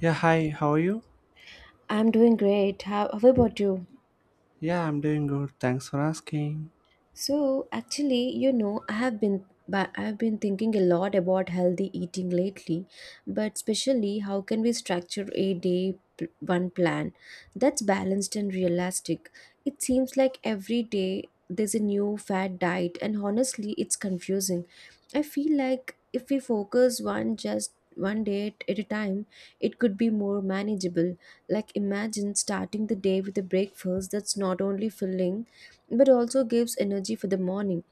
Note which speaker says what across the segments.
Speaker 1: Yeah, hi, how are you?
Speaker 2: I'm doing great. How about you?
Speaker 1: Yeah, I'm doing good. Thanks for asking.
Speaker 2: So actually, you know, I've been thinking a lot about healthy eating lately, but especially how can we structure one plan that's balanced and realistic. It seems like every day there's a new fad diet and honestly it's confusing. I feel like if we focus one day at a time, it could be more manageable. Like imagine starting the day with a breakfast that's not only filling but also gives energy for the morning.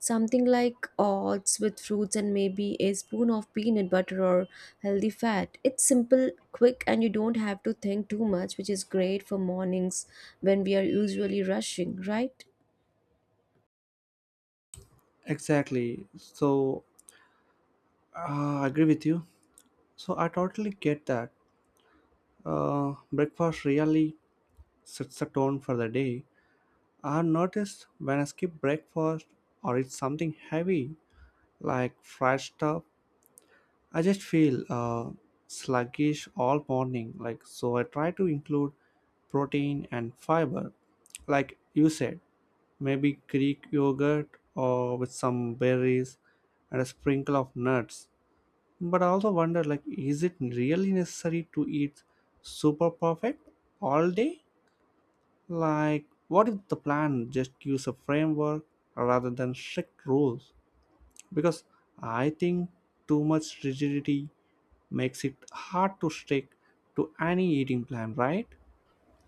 Speaker 2: Something like oats with fruits and maybe a spoon of peanut butter or healthy fat. It's simple, quick, and you don't have to think too much, which is great for mornings when we are usually rushing, right?
Speaker 1: Exactly. So, I agree with you. So, I totally get that. Breakfast really sets the tone for the day. I noticed when I skip breakfast or eat something heavy like fried stuff, I just feel sluggish all morning, like so. I try to include protein and fiber, like you said, maybe Greek yogurt or with some berries and a sprinkle of nuts. But I also wonder, like, is it really necessary to eat super perfect all day? Like, what if the plan just gives a framework rather than strict rules? Because I think too much rigidity makes it hard to stick to any eating plan, right?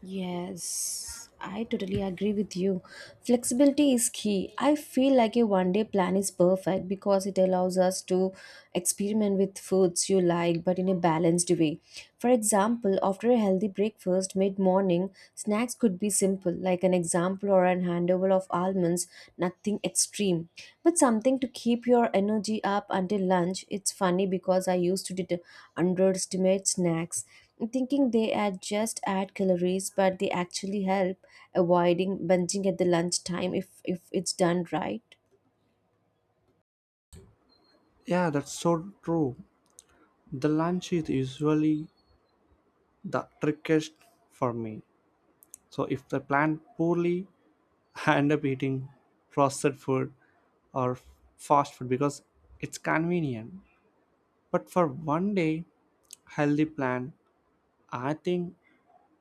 Speaker 2: Yes, I totally agree with you. Flexibility is key. I feel like a one day plan is perfect because it allows us to experiment with foods you like but in a balanced way. For example, after a healthy breakfast mid morning, snacks could be simple, like an example or an handover of almonds, nothing extreme, but something to keep your energy up until lunch. It's funny because I used to underestimate snacks thinking they add just add calories but they actually help avoiding binging at the lunchtime if it's done right.
Speaker 1: Yeah, that's so true. The lunch is usually the trickiest for me. So if the plan poorly, I end up eating processed food or fast food because it's convenient. But for one day healthy plan, I think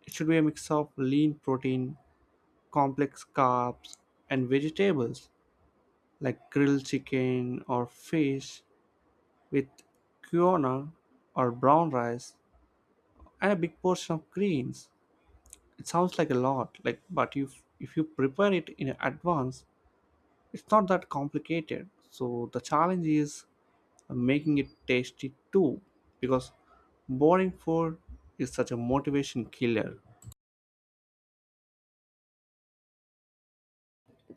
Speaker 1: it should be a mix of lean protein, complex carbs, and vegetables. Like grilled chicken or fish with quinoa or brown rice and a big portion of greens. It sounds like a lot, like, but if you prepare it in advance, it's not that complicated. So the challenge is making it tasty too, because boring food is such a motivation killer.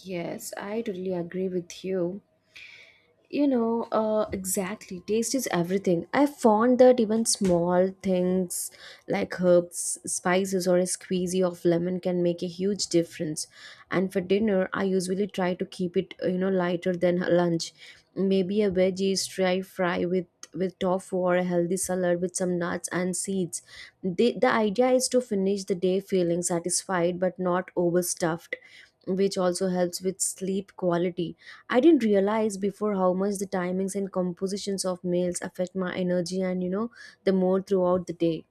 Speaker 2: Yes, I totally agree with you. You know, exactly. Taste is everything. I found that even small things like herbs, spices, or a squeezy of lemon can make a huge difference. And for dinner, I usually try to keep it, lighter than lunch. Maybe a veggie stir fry with tofu or a healthy salad with some nuts and seeds. The idea is to finish the day feeling satisfied but not overstuffed, which also helps with sleep quality. I didn't realize before how much the timings and compositions of meals affect my energy and the mood throughout the day.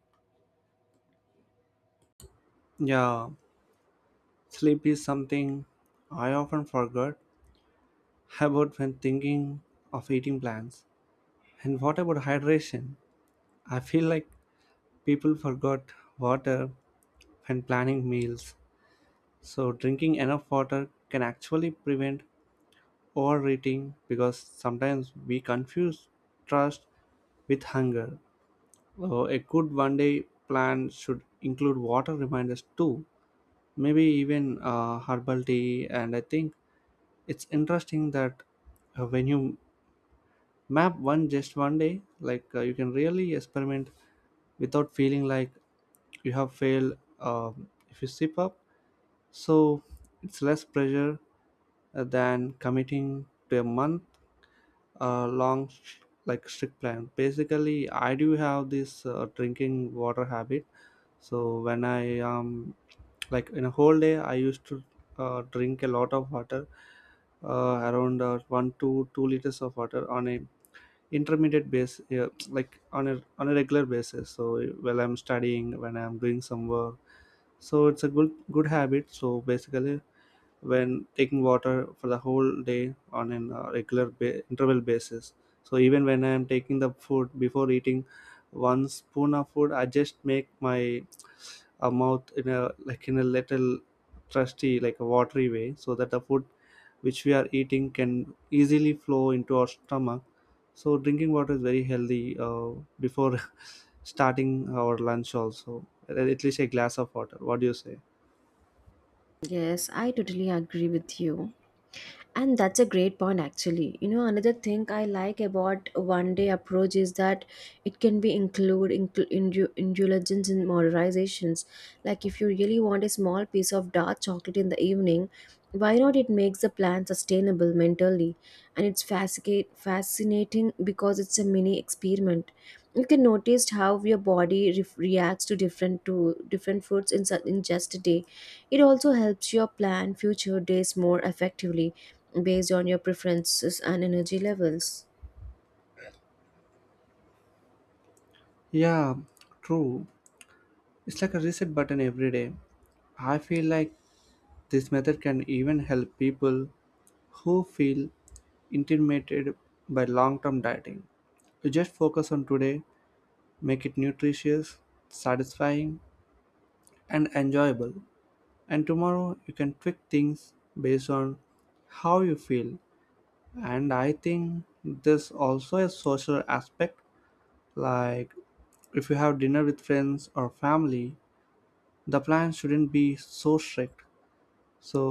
Speaker 1: Yeah, sleep is something I often forget about when thinking of eating plans. And what about hydration? I feel like people forgot water when planning meals. So, drinking enough water can actually prevent overeating because sometimes we confuse thirst with hunger. So, a good one day plan should include water reminders too, maybe even herbal tea. And I think it's interesting that when you map one just one day, like, you can really experiment without feeling like you have failed, if you slip up. So it's less pressure than committing to a month, long, like, strict plan. Basically, I do have this drinking water habit. So when I, like, in a whole day, I used to drink a lot of water, around 1 to 2 liters of water on a intermediate base, yeah, like on a regular basis. So while I'm studying, when I'm doing some work, so it's a good habit. So basically, when taking water for the whole day on an regular interval basis, so even when I am taking the food, before eating one spoon of food, I just make my mouth in a, like, in a little trusty, like a watery way, so that the food which we are eating can easily flow into our stomach. So drinking water is very healthy before starting our lunch also, at least a glass of water. What do you say?
Speaker 2: Yes, I totally agree with you. And that's a great point actually. Another thing I like about one day approach is that it can be indulgence in modernizations. Like if you really want a small piece of dark chocolate in the evening, why not? It makes the plan sustainable mentally, and it's fascinating because it's a mini experiment. You can notice how your body reacts to different foods in just a day. It also helps your plan future days more effectively based on your preferences and energy levels.
Speaker 1: Yeah, true. It's like a reset button every day. I feel like this method can even help people who feel intimidated by long term dieting. You just focus on today, make it nutritious, satisfying, and enjoyable. And tomorrow you can tweak things based on how you feel. And I think there's also a social aspect, like if you have dinner with friends or family, the plan shouldn't be so strict, so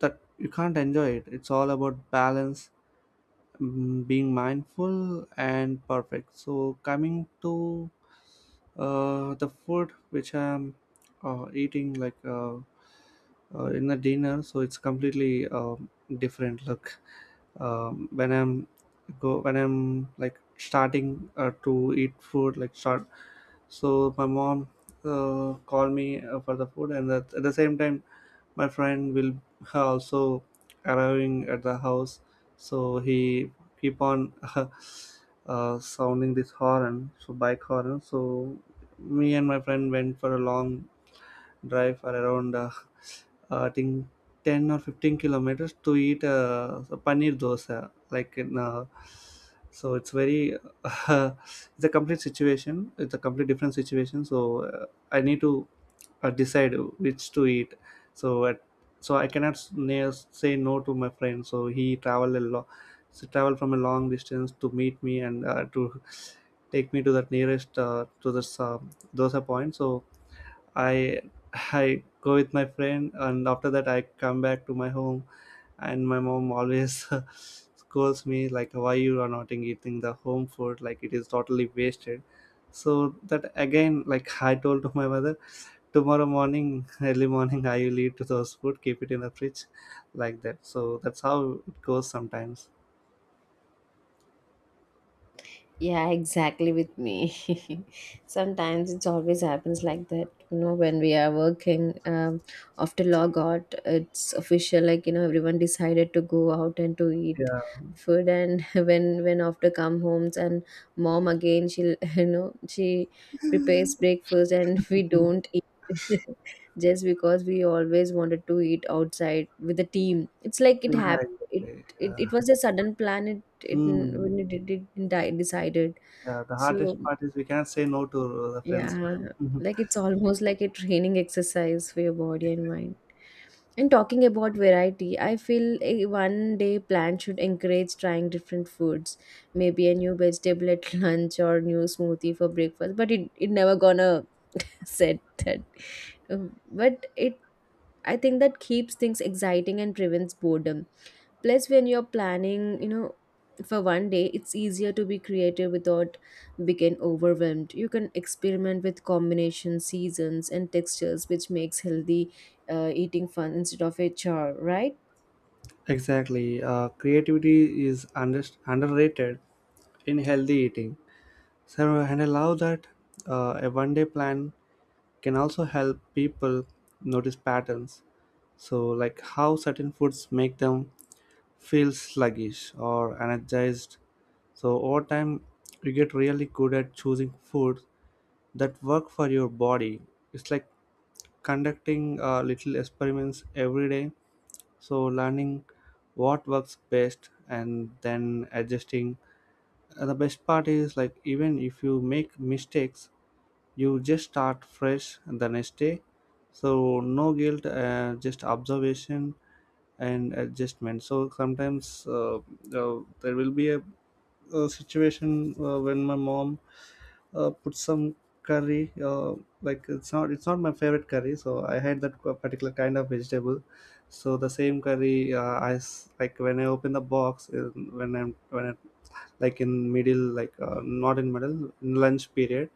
Speaker 1: that you can't enjoy it. It's all about balance, being mindful and perfect. So coming to the food which I'm eating, like, in the dinner, so it's completely different look. Um, when i'm go when i'm like starting to eat food, like, start. So my mom called me for the food, and at the same time my friend will also arriving at the house. So he keep on sounding this horn, so bike horn. So me and my friend went for a long drive for around, I think 10 or 15 kilometers, to eat a paneer dosa, like, in... so it's very, it's a complete situation, it's a complete different situation. So I need to decide which to eat. So at, so I cannot say no to my friend, so he traveled a lot, so travel from a long distance to meet me, and to take me to the nearest, to this dosa point. So I I go with my friend, and after that I come back to my home, and my mom always scolds me, like, "Why you are not eating the home food? Like it is totally wasted." So that again, like I told to my mother, tomorrow morning, early morning, I will eat those food, keep it in the fridge, like that. So that's how it goes sometimes.
Speaker 2: Yeah, exactly with me. Sometimes it's always happens like that. You know, when we are working after logout, it's official. Like everyone decided to go out and to eat
Speaker 1: Yeah,
Speaker 2: food. And when after come homes and mom again, she will she prepares breakfast and we don't eat. Just because we always wanted to eat outside with the team. It's like it
Speaker 1: yeah,
Speaker 2: happened it,
Speaker 1: exactly.
Speaker 2: it
Speaker 1: Yeah.
Speaker 2: it was a sudden plan. It
Speaker 1: Mm.
Speaker 2: when it did it die decided.
Speaker 1: Yeah, the
Speaker 2: So
Speaker 1: hardest part is we can't say no to the friends.
Speaker 2: yeah, like it's almost like a training exercise for your body and mind. And talking about variety, I feel a one day plan should encourage trying different foods, maybe a new vegetable at lunch or new smoothie for breakfast, but it never gonna said that. But it I think that keeps things exciting and prevents boredom. Plus, when you're planning, for one day, it's easier to be creative without becoming overwhelmed. You can experiment with combinations, seasons, and textures, which makes healthy eating fun instead of a chore, right?
Speaker 1: Exactly. Creativity is underrated in healthy eating. So, and allow that a one day plan can also help people notice patterns. So, like how certain foods make them feel sluggish or energized. So, over time, you get really good at choosing foods that work for your body. It's like conducting little experiments every day, so learning what works best and then adjusting. The best part is, like, even if you make mistakes, you just start fresh the next day, so no guilt, just observation and adjustment. So sometimes, uh, there will be a situation when my mom put some curry, like, it's not my favorite curry, so I had that particular kind of vegetable. So the same curry, like, when I open the box, when I like in middle, like, not in middle, in lunch period.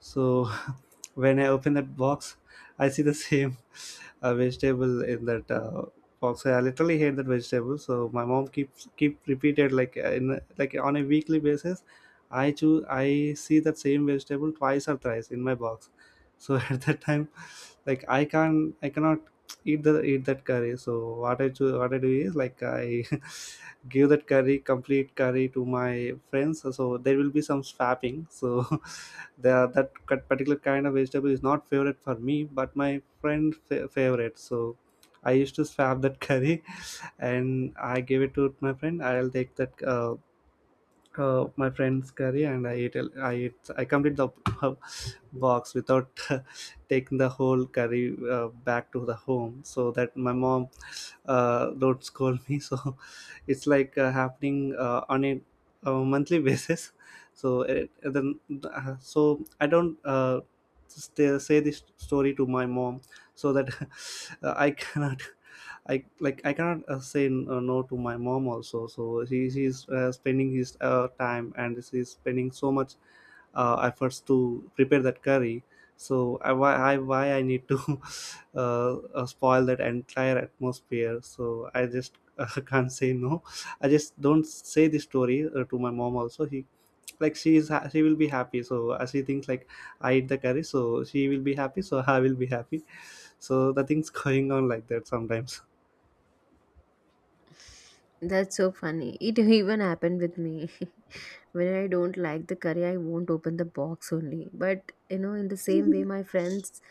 Speaker 1: So when I open that box, I see the same vegetable in that box. I literally hate that vegetable. So my mom keeps keep repeated, like, in like on a weekly basis. I see that same vegetable twice or thrice in my box. So at that time, like, I cannot eat that curry. So what I do is, like, I give that curry complete curry to my friends. So there will be some swapping. So that particular kind of vegetable is not favorite for me, but my friend favorite. So I used to swap that curry, and I gave it to my friend. I'll take that my friend's curry, and I ate a- I ate, I complete the box without taking the whole curry back to the home, so that my mom don't scold me. So it's like happening on a monthly basis. So it, then uh, so I don't say this story to my mom, so that I cannot I, like, I cannot, say no to my mom also. So he's spending his time, and he's spending so much efforts to prepare that curry. So why I need to spoil that entire atmosphere? So I just can't say no. I just don't say the story to my mom also. He like she is ha- she will be happy. So she thinks like I eat the curry, so she will be happy. So I will be happy. So the things going on like that sometimes.
Speaker 2: That's so funny. It even happened with me. When I don't like the curry, I won't open the box only. But you know, in the same way, my friends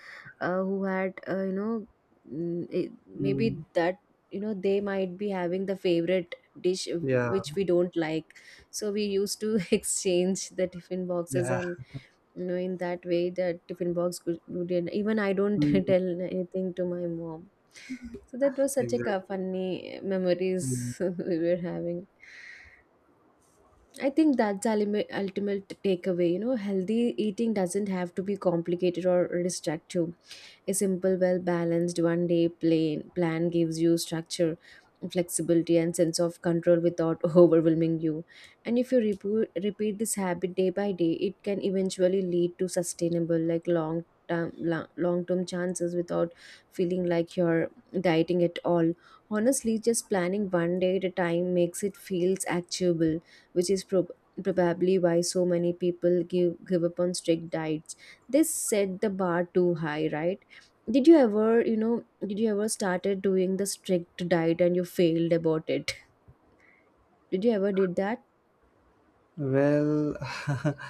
Speaker 2: who had maybe that they might be having the favorite dish
Speaker 1: Yeah,
Speaker 2: which we don't like. So we used to exchange the tiffin boxes,
Speaker 1: yeah,
Speaker 2: and in that way the tiffin box could would even I don't
Speaker 1: mm,
Speaker 2: tell anything to my mom. So that was such a
Speaker 1: exactly.
Speaker 2: funny
Speaker 1: Mm.
Speaker 2: memories we were having. I think that's the ultimate takeaway. You know, healthy eating doesn't have to be complicated or restrictive. A simple, well balanced one day plan gives you structure, flexibility, and sense of control without overwhelming you. And if you repeat this habit day by day, it can eventually lead to sustainable, like long term chances without feeling like you're dieting at all. Honestly, just planning one day at a time makes it feels achievable, which is probably why so many people give up on strict diets. They set the bar too high, right? Did you ever started doing the strict diet and you failed about it? Did you ever did that?
Speaker 1: Well,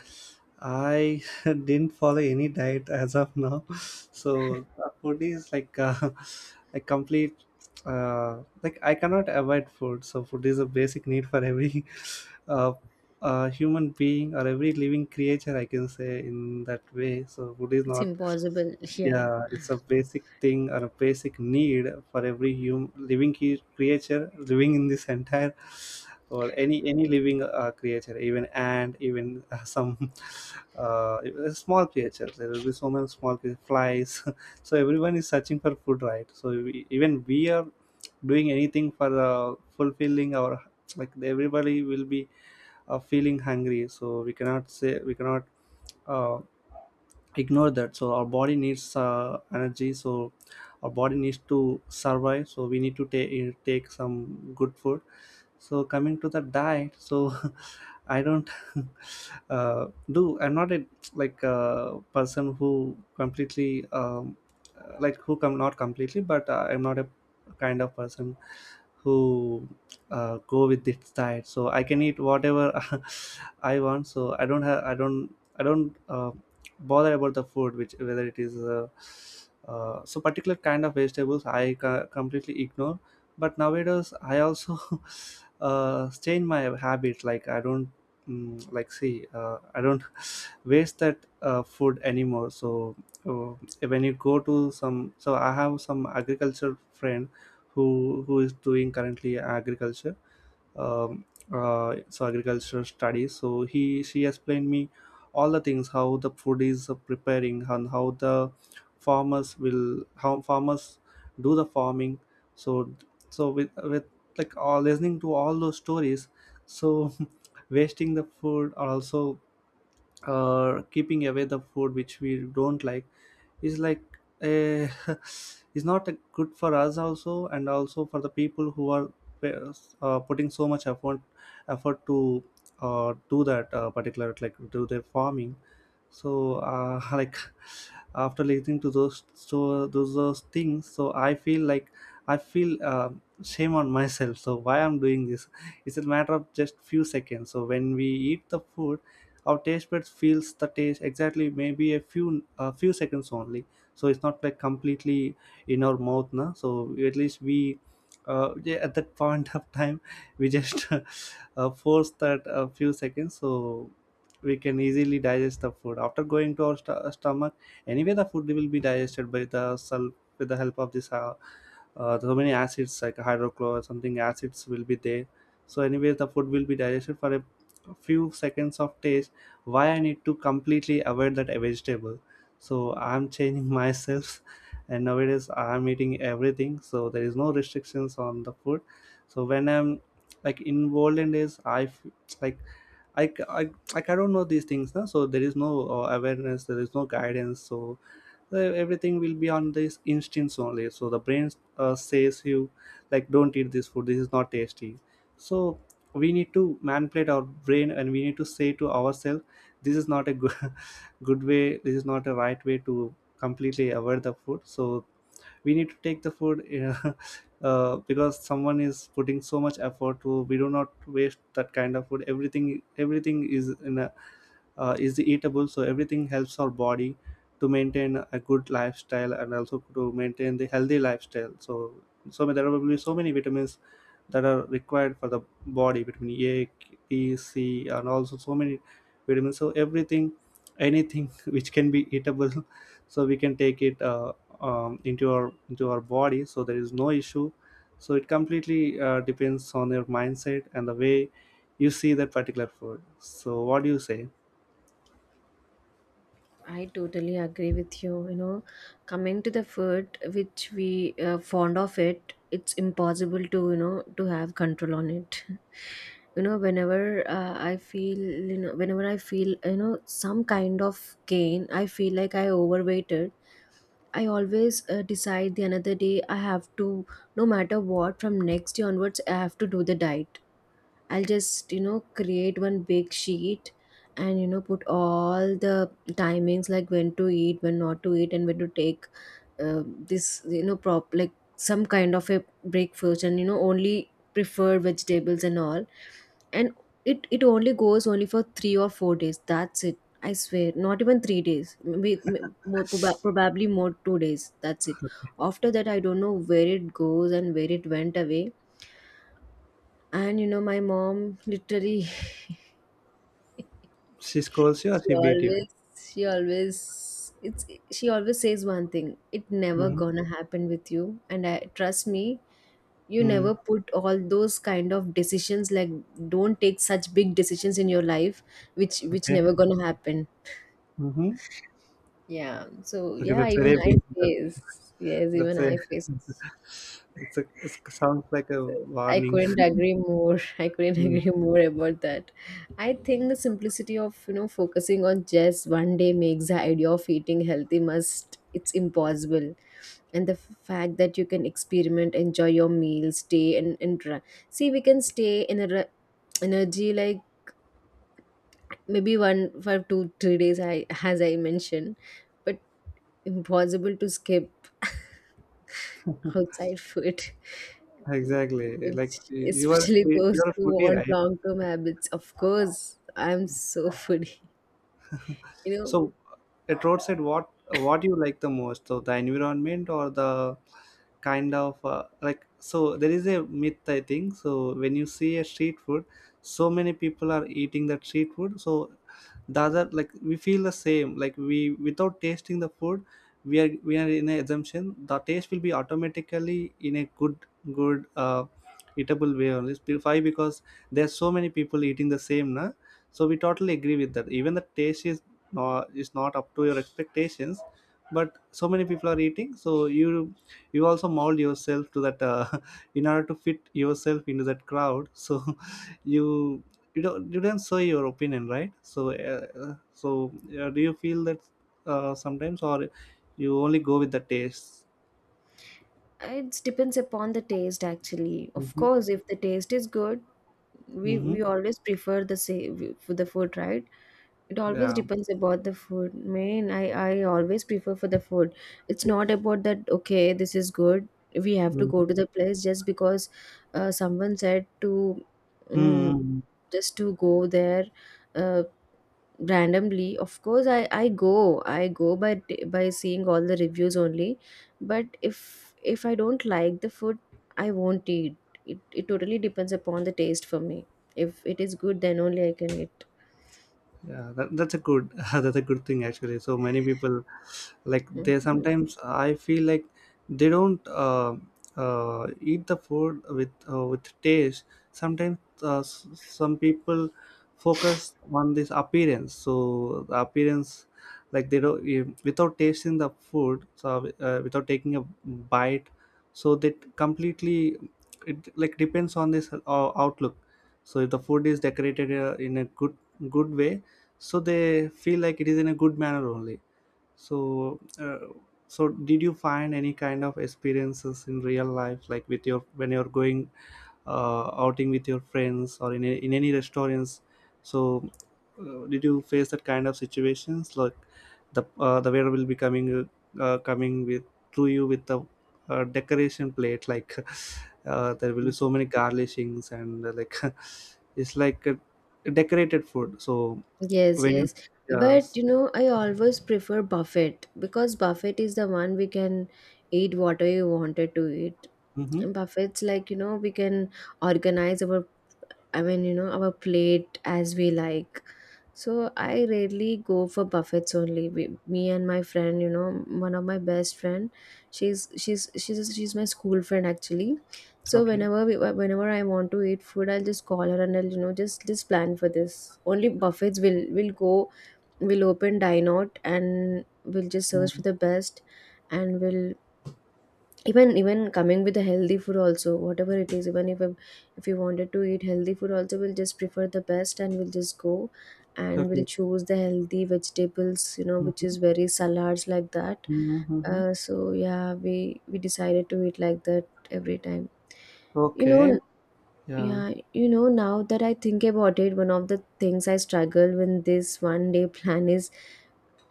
Speaker 1: I didn't follow any diet as of now, so food is like a complete like, I cannot avoid food. So food is a basic need for every uh, human being or every living creature. I can say in that way. So food is
Speaker 2: It's
Speaker 1: not.
Speaker 2: impossible. Yeah.
Speaker 1: Yeah, it's a basic thing or a basic need for every human living creature living in this entire or any living creature, even ant, even some uh, small creatures. There will be so many small flies. So everyone is searching for food, right? So even we are doing anything for fulfilling our, like, everybody will be feeling hungry. So we cannot say we cannot. Uh, Ignore that, so our body needs energy, so our body needs to survive, so we need to take some good food. So coming to the diet, so I don't do. I'm not a, like, a person who completely, like, who come not completely, but I'm not a kind of person who go with this diet. So I can eat whatever I want. So I don't have. I don't. I don't bother about the food, which whether it is. So particular kind of vegetables I completely ignore. But nowadays I also change my habit. Like I don't like see I don't waste that food anymore. So uh, when you go to some, so I have some agriculture friend who is doing currently agriculture um, so agricultural studies. So he, she explained me all the things how the food is preparing and how the farmers will how farmers do the farming. So so with like all listening to all those stories, so wasting the food or also keeping away the food which we don't like is like a is not a good for us also, and also for the people who are putting so much effort, to do that particular, like, do their farming. So like after listening to those, so those things, so I feel like I feel shame on myself. So why I'm doing this? It's a matter of just few seconds. So when we eat the food, our taste buds feels the taste exactly maybe a few seconds only. So it's not like completely in our mouth, na. So at least we yeah, at that point of time we just force that a few seconds, so we can easily digest the food after going to our stomach. Anyway the food will be digested by the self with the help of this so many acids, like hydrochloric something, acids will be there. So anyway the food will be digested for a few seconds of taste. Why I need to completely avoid that vegetable? So I'm changing myself and nowadays I'm eating everything, so there is no restrictions on the food. So when I'm like involved in this, like i c- i, like, I don't know these things, no? So there is no awareness, there is no guidance. So so everything will be on this instincts only. So the brain says you, like, don't eat this food, this is not tasty. So we need to manipulate our brain and we need to say to ourselves, this is not a good, good way, this is not a right way to completely avoid the food. So we need to take the food because someone is putting so much effort to, we do not waste that kind of food. Everything everything is in a is eatable, so everything helps our body to maintain a good lifestyle and also to maintain the healthy lifestyle. So there are probably so many vitamins that are required for the body: vitamin A, B, C, and also so many vitamins. So everything, anything which can be eatable, so we can take it into our body, so there is no issue. So it completely depends on your mindset and the way you see that particular food. So what do you say?
Speaker 2: I totally agree with you. You know, coming to the food, which we fond of it, it's impossible to to have control on it. You know, whenever I feel you know, whenever I feel some kind of gain, I feel like I overweighted. I always decide the another day I have to, no matter what, from next day onwards I have to do the diet. I'll just, create one big sheet, and, put all the timings like when to eat, when not to eat, and when to take this, prop like some kind of a breakfast, and, only prefer vegetables and all. And it only goes only for 3 or 4 days. That's it. I swear, not even 3 days, maybe more, probably more 2 days. That's it. After that, I don't know where it goes and where it went away, and my mom literally
Speaker 1: She scolds you or
Speaker 2: She
Speaker 1: she beat you?
Speaker 2: always, she always, it's she always says one thing. It never
Speaker 1: Mhm.
Speaker 2: gonna happen with you, and I trust me. You
Speaker 1: Mm.
Speaker 2: never put all those kind of decisions, like don't take such big decisions in your life, which
Speaker 1: Okay.
Speaker 2: never gonna happen.
Speaker 1: Mhm.
Speaker 2: Yeah. So
Speaker 1: Okay,
Speaker 2: yeah,
Speaker 1: that's
Speaker 2: even
Speaker 1: very
Speaker 2: I
Speaker 1: big.
Speaker 2: face yes, even
Speaker 1: That's a.
Speaker 2: I face it.
Speaker 1: It's a. It sounds like a
Speaker 2: I
Speaker 1: warning.
Speaker 2: couldn't agree more. I couldn't
Speaker 1: Mm.
Speaker 2: agree more about that. I think the simplicity of, focusing on just one day makes the idea of eating healthy must it's impossible. And the fact that you can experiment, enjoy your meals, stay and intra. See, we can stay in a energy, like maybe one for two, 3 days. I as I mentioned, but impossible to skip outside food.
Speaker 1: Exactly. Like
Speaker 2: It's
Speaker 1: you are.
Speaker 2: especially
Speaker 1: You
Speaker 2: those
Speaker 1: are a
Speaker 2: who
Speaker 1: foodie,
Speaker 2: want
Speaker 1: right?
Speaker 2: long-term habits. Of course, I'm so foodie. You know,
Speaker 1: So, at roadside, what you like the most? So the environment or the kind of, like, so there is a myth I think. So when you see a street food, so many people are eating that street food. So the other, like, we feel the same. Like, we, without tasting the food, we are in an assumption the taste will be automatically in a good, good uh, eatable way only. Why? Because there's so many people eating the same, na. So we totally agree with that. Even the taste is not up to your expectations, but so many people are eating, so you also mold yourself to that, in order to fit yourself into that crowd. So you, you don't show your opinion, right? So so do you feel that sometimes, or you only go with the taste?
Speaker 2: it depends upon the taste, actually. Of
Speaker 1: Mm-hmm.
Speaker 2: course, if the taste is good, we
Speaker 1: Mm-hmm.
Speaker 2: we always prefer the same for the food, right? It always
Speaker 1: Yeah.
Speaker 2: depends about the food. Man, I always prefer for the food. It's not about that. Okay, this is good. We have to go to the place just because someone said to um,
Speaker 1: Mm-hmm.
Speaker 2: just to go there. Uh, Randomly of course I go by by seeing all the reviews only, but if I don't like the food I won't eat it totally depends upon the taste for me. If it is good then only I can eat.
Speaker 1: Yeah, that's a good, that's a good thing actually. So many people, like, they
Speaker 2: Mhm.
Speaker 1: sometimes I feel like they don't eat the food with taste. Sometimes some people focus on this appearance. So the appearance, like, they don't, eh, without tasting the food, so without taking a bite, so that completely, it, like, depends on this outlook. So if the food is decorated in a good, good way, so they feel like it is in a good manner only. So so did you find any kind of experiences in real life, like with your, when you're going outing with your friends or in a, in any restaurants. So did you face that kind of situations? Like the, the waiter will be coming, coming with, to you with the decoration plate, like, there will be so many garnishings, and, like, it's like a decorated food. So
Speaker 2: Yes,
Speaker 1: when you
Speaker 2: yes, but
Speaker 1: yes.
Speaker 2: I always prefer buffet because buffet is the one we can eat whatever you wanted to eat.
Speaker 1: Mhm.
Speaker 2: And buffets, like we can organize our, I mean, our plate as we like. So I rarely go for buffets only. We, me and my friend, one of my best friend, she's my school friend actually. So
Speaker 1: Okay.
Speaker 2: whenever I want to eat food, I'll just call her, and I'll just plan for this. Only buffets will go. We'll open dine out and we'll just search for
Speaker 1: Mhm.
Speaker 2: the best, and we'll even coming with a healthy food also, whatever it is, even if you wanted to eat healthy food also we'll just prefer the best and we'll just go, and we'll
Speaker 1: Okay.
Speaker 2: choose the healthy vegetables which is
Speaker 1: Mhm.
Speaker 2: very salads like that.
Speaker 1: Mhm. Mhm.
Speaker 2: So yeah, we decided to eat like that every time you know
Speaker 1: Okay. Yeah.
Speaker 2: yeah, now that I think about it, one of the things I struggle when this one day plan is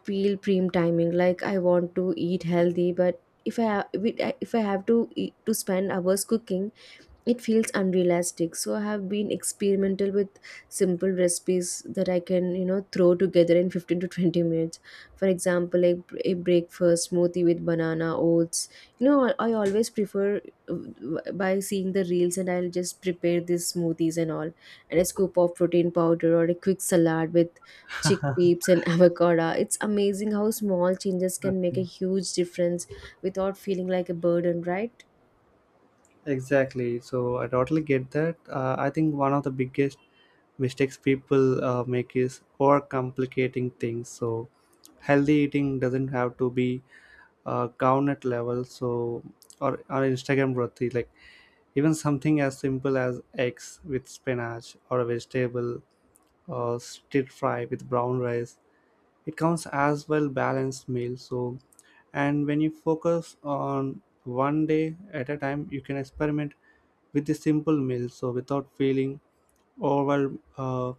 Speaker 2: feel prime timing, like I want to eat healthy, but if I ha- if I have to to spend hours cooking it feels unrealistic, so I have been experimental with simple recipes that I can throw together in 15 to 20 minutes. For example, like a breakfast smoothie with banana oats. I always prefer by seeing the reels and I'll just prepare these smoothies and all, and a scoop of protein powder or a quick salad with chickpeas and avocado. It's amazing how small changes can make
Speaker 1: Okay.
Speaker 2: a huge difference without feeling like a burden, right?
Speaker 1: Exactly. So I totally get that. I think one of the biggest mistakes people make is overcomplicating things. So healthy eating doesn't have to be gauntlet level. So or Instagram worthy. Like, even something as simple as eggs with spinach, or a vegetable or stir fry with brown rice, it counts as well balanced meal. So, and when you focus on one day at a time, you can experiment with the simple meal, so without feeling overwhelmed.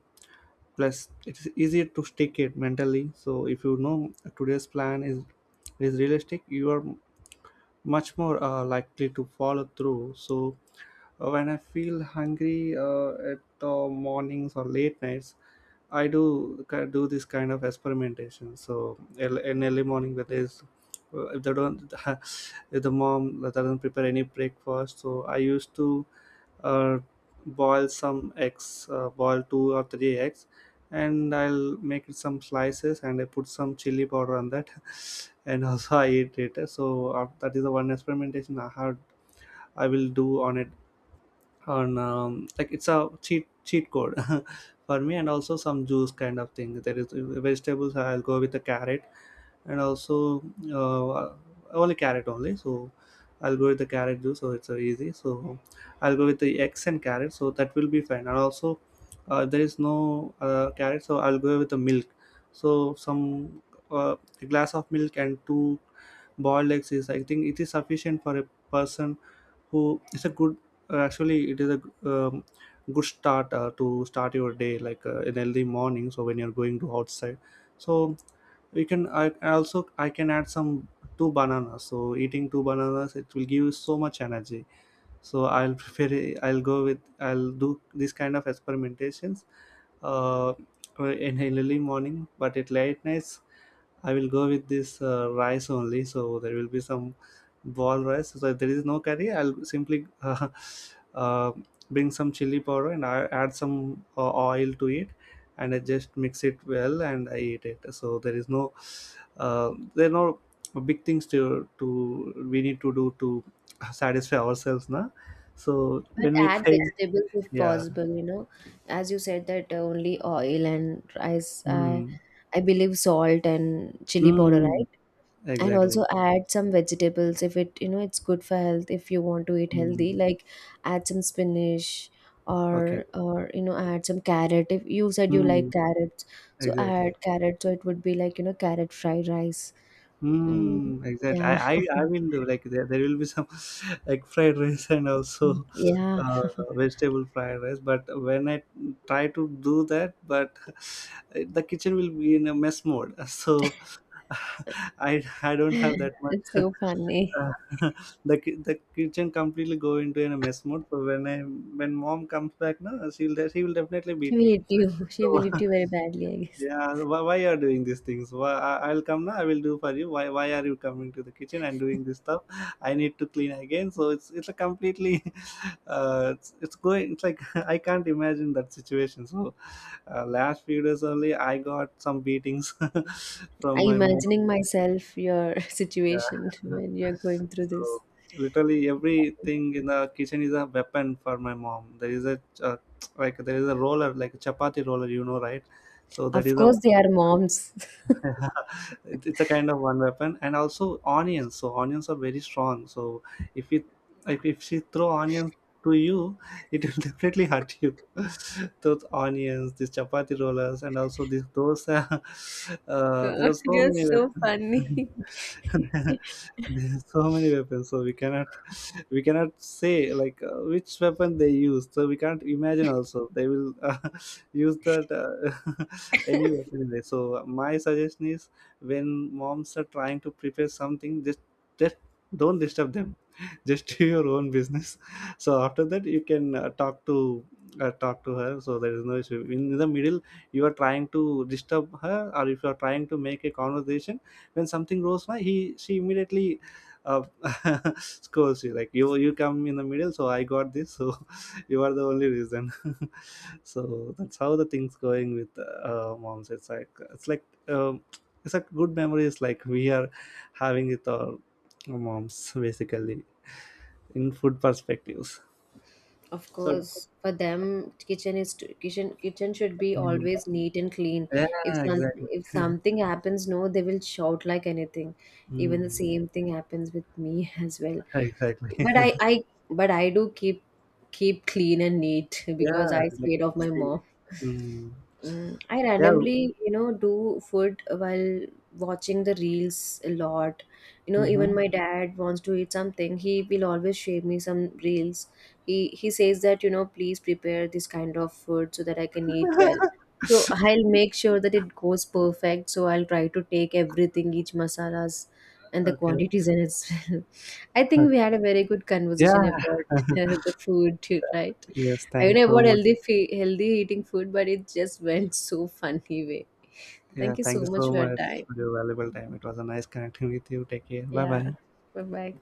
Speaker 1: Plus, it's easier to stick it mentally, so if you know today's plan is realistic, you are much more likely to follow through. So when I feel hungry at the mornings or late nights, I do do this kind of experimentation. So in early morning, where there's, if they don't, if the mom doesn't prepare any breakfast, so I used to uh, boil some eggs, boil two or three eggs, and I'll make it some slices and I put some chili powder on that, and also I eat it. So that is the one experimentation I had. I will do on it, on, like it's a cheat code for me. And also some juice kind of thing, there is vegetables. I'll go with the carrot, and also uh, only carrot only. So I'll go with the carrot juice, so it's easy. So I'll go with the eggs and carrot, so that will be fine. And also, there is no carrot, so I'll go with the milk. So some uh, a glass of milk and two boiled eggs is, I think it is sufficient for a person, who it's a good, actually it is a, um, good start to start your day, like an early morning, so when you're going to outside. So we can, I also, I can add some two bananas, so eating two bananas it will give you so much energy. So I'll prefer, I'll go with I'll do this kind of experimentations uh, in early morning. But at late nights I will go with this rice only. So there will be some ball rice, so if there is no curry, I'll simply uh, bring some chili powder and I add some oil to it, and I just mix it well and I eat it. So there is no there are no big things to we need to do to satisfy ourselves, na. So
Speaker 2: But
Speaker 1: when we
Speaker 2: add
Speaker 1: think,
Speaker 2: vegetables if
Speaker 1: yeah,
Speaker 2: possible. As you said that only oil and rice, I,
Speaker 1: mm,
Speaker 2: I believe salt and chili powder,
Speaker 1: mm,
Speaker 2: right? And
Speaker 1: exactly,
Speaker 2: also add some vegetables if it's good for health. If you want to eat healthy,
Speaker 1: mm,
Speaker 2: like add some spinach
Speaker 1: okay,
Speaker 2: or add some carrot. If you said you like
Speaker 1: mm,
Speaker 2: carrots, so
Speaker 1: exactly.
Speaker 2: add carrot. So it would be like carrot fried rice. Mm,
Speaker 1: Mm, exactly.
Speaker 2: yeah,
Speaker 1: I'm into, like, there will be some egg fried rice and also
Speaker 2: yeah,
Speaker 1: uh, vegetable fried rice. But when I try to do that, but the kitchen will be in a mess mode. So I don't have that
Speaker 2: it's
Speaker 1: much.
Speaker 2: so funny.
Speaker 1: Uh, the the kitchen completely go into in a mess mode. So when I, when mom comes back, no, she will definitely
Speaker 2: She
Speaker 1: beat
Speaker 2: will
Speaker 1: me.
Speaker 2: hit you. She
Speaker 1: So
Speaker 2: will hit you very badly, I guess.
Speaker 1: yeah, why are doing these things? Why, I'll come now. I will do for you. Why are you coming to the kitchen and doing this stuff? I need to clean again. So it's a completely it's going. It's like I can't imagine that situation. So, last few days only I got some beatings from
Speaker 2: I'm
Speaker 1: my mom.
Speaker 2: imagining myself your
Speaker 1: Yeah.
Speaker 2: situation when you're going through this.
Speaker 1: So literally everything in the kitchen is a weapon for my mom. There is a, like there is a roller, like a chapati roller, you know, right? So that
Speaker 2: Of
Speaker 1: is a
Speaker 2: course, they are moms.
Speaker 1: it's a kind of one weapon, and also onions. So onions are very strong. So if it, like, if she throw onions to you, it will definitely hurt you. Those onions, these chapati rollers, and also these those. There are so
Speaker 2: You're
Speaker 1: many
Speaker 2: so
Speaker 1: weapons.
Speaker 2: funny.
Speaker 1: There are so many weapons, so we cannot, we cannot say like, which weapon they use. So we can't imagine also, they will use that, any weapon there. So my suggestion is, when moms are trying to prepare something, just don't disturb them. Just do your own business. So after that you can talk to her. So there is no issue in the middle, you are trying to disturb her, or if you are trying to make a conversation, when something goes wrong, he, she immediately uh, scolds you, like, you come in the middle, so I got this, so you are the only reason. So that's how the things going with moms. It's like, it's like good memories, like, we are having with our moms basically, in food perspectives,
Speaker 2: Of
Speaker 1: so
Speaker 2: course, for them, kitchen is kitchen. Kitchen should be
Speaker 1: mm,
Speaker 2: always neat and clean. If
Speaker 1: yeah
Speaker 2: some
Speaker 1: exactly.
Speaker 2: if something happens, no, they will shout like anything. Even the
Speaker 1: Mm,
Speaker 2: same thing happens with me as well.
Speaker 1: exactly.
Speaker 2: But I I but I do keep clean and neat because
Speaker 1: Yeah,
Speaker 2: I
Speaker 1: like
Speaker 2: scared of my
Speaker 1: see,
Speaker 2: mom.
Speaker 1: mm,
Speaker 2: Mm, I
Speaker 1: yeah.
Speaker 2: randomly, do food while watching the reels a lot. Even my dad wants to eat something. He will always share me some reels. He says that, please prepare this kind of food so that I can eat
Speaker 1: Mhm.
Speaker 2: well. So I'll make sure that it goes perfect. So I'll try to take everything, each masalas and the
Speaker 1: Okay.
Speaker 2: quantities and as well. I think we
Speaker 1: Okay.
Speaker 2: had a very good conversation
Speaker 1: Yeah.
Speaker 2: about the food, right?
Speaker 1: Yes.
Speaker 2: I
Speaker 1: Thank you
Speaker 2: know
Speaker 1: so
Speaker 2: about
Speaker 1: much.
Speaker 2: healthy healthy eating food, but it just went so funny way.
Speaker 1: Yeah.
Speaker 2: Thank you
Speaker 1: Thank you
Speaker 2: so much
Speaker 1: so
Speaker 2: for your
Speaker 1: much for
Speaker 2: time.
Speaker 1: your valuable time. It was a nice connecting with you. Take care. Bye
Speaker 2: Yeah.
Speaker 1: bye.
Speaker 2: Bye bye.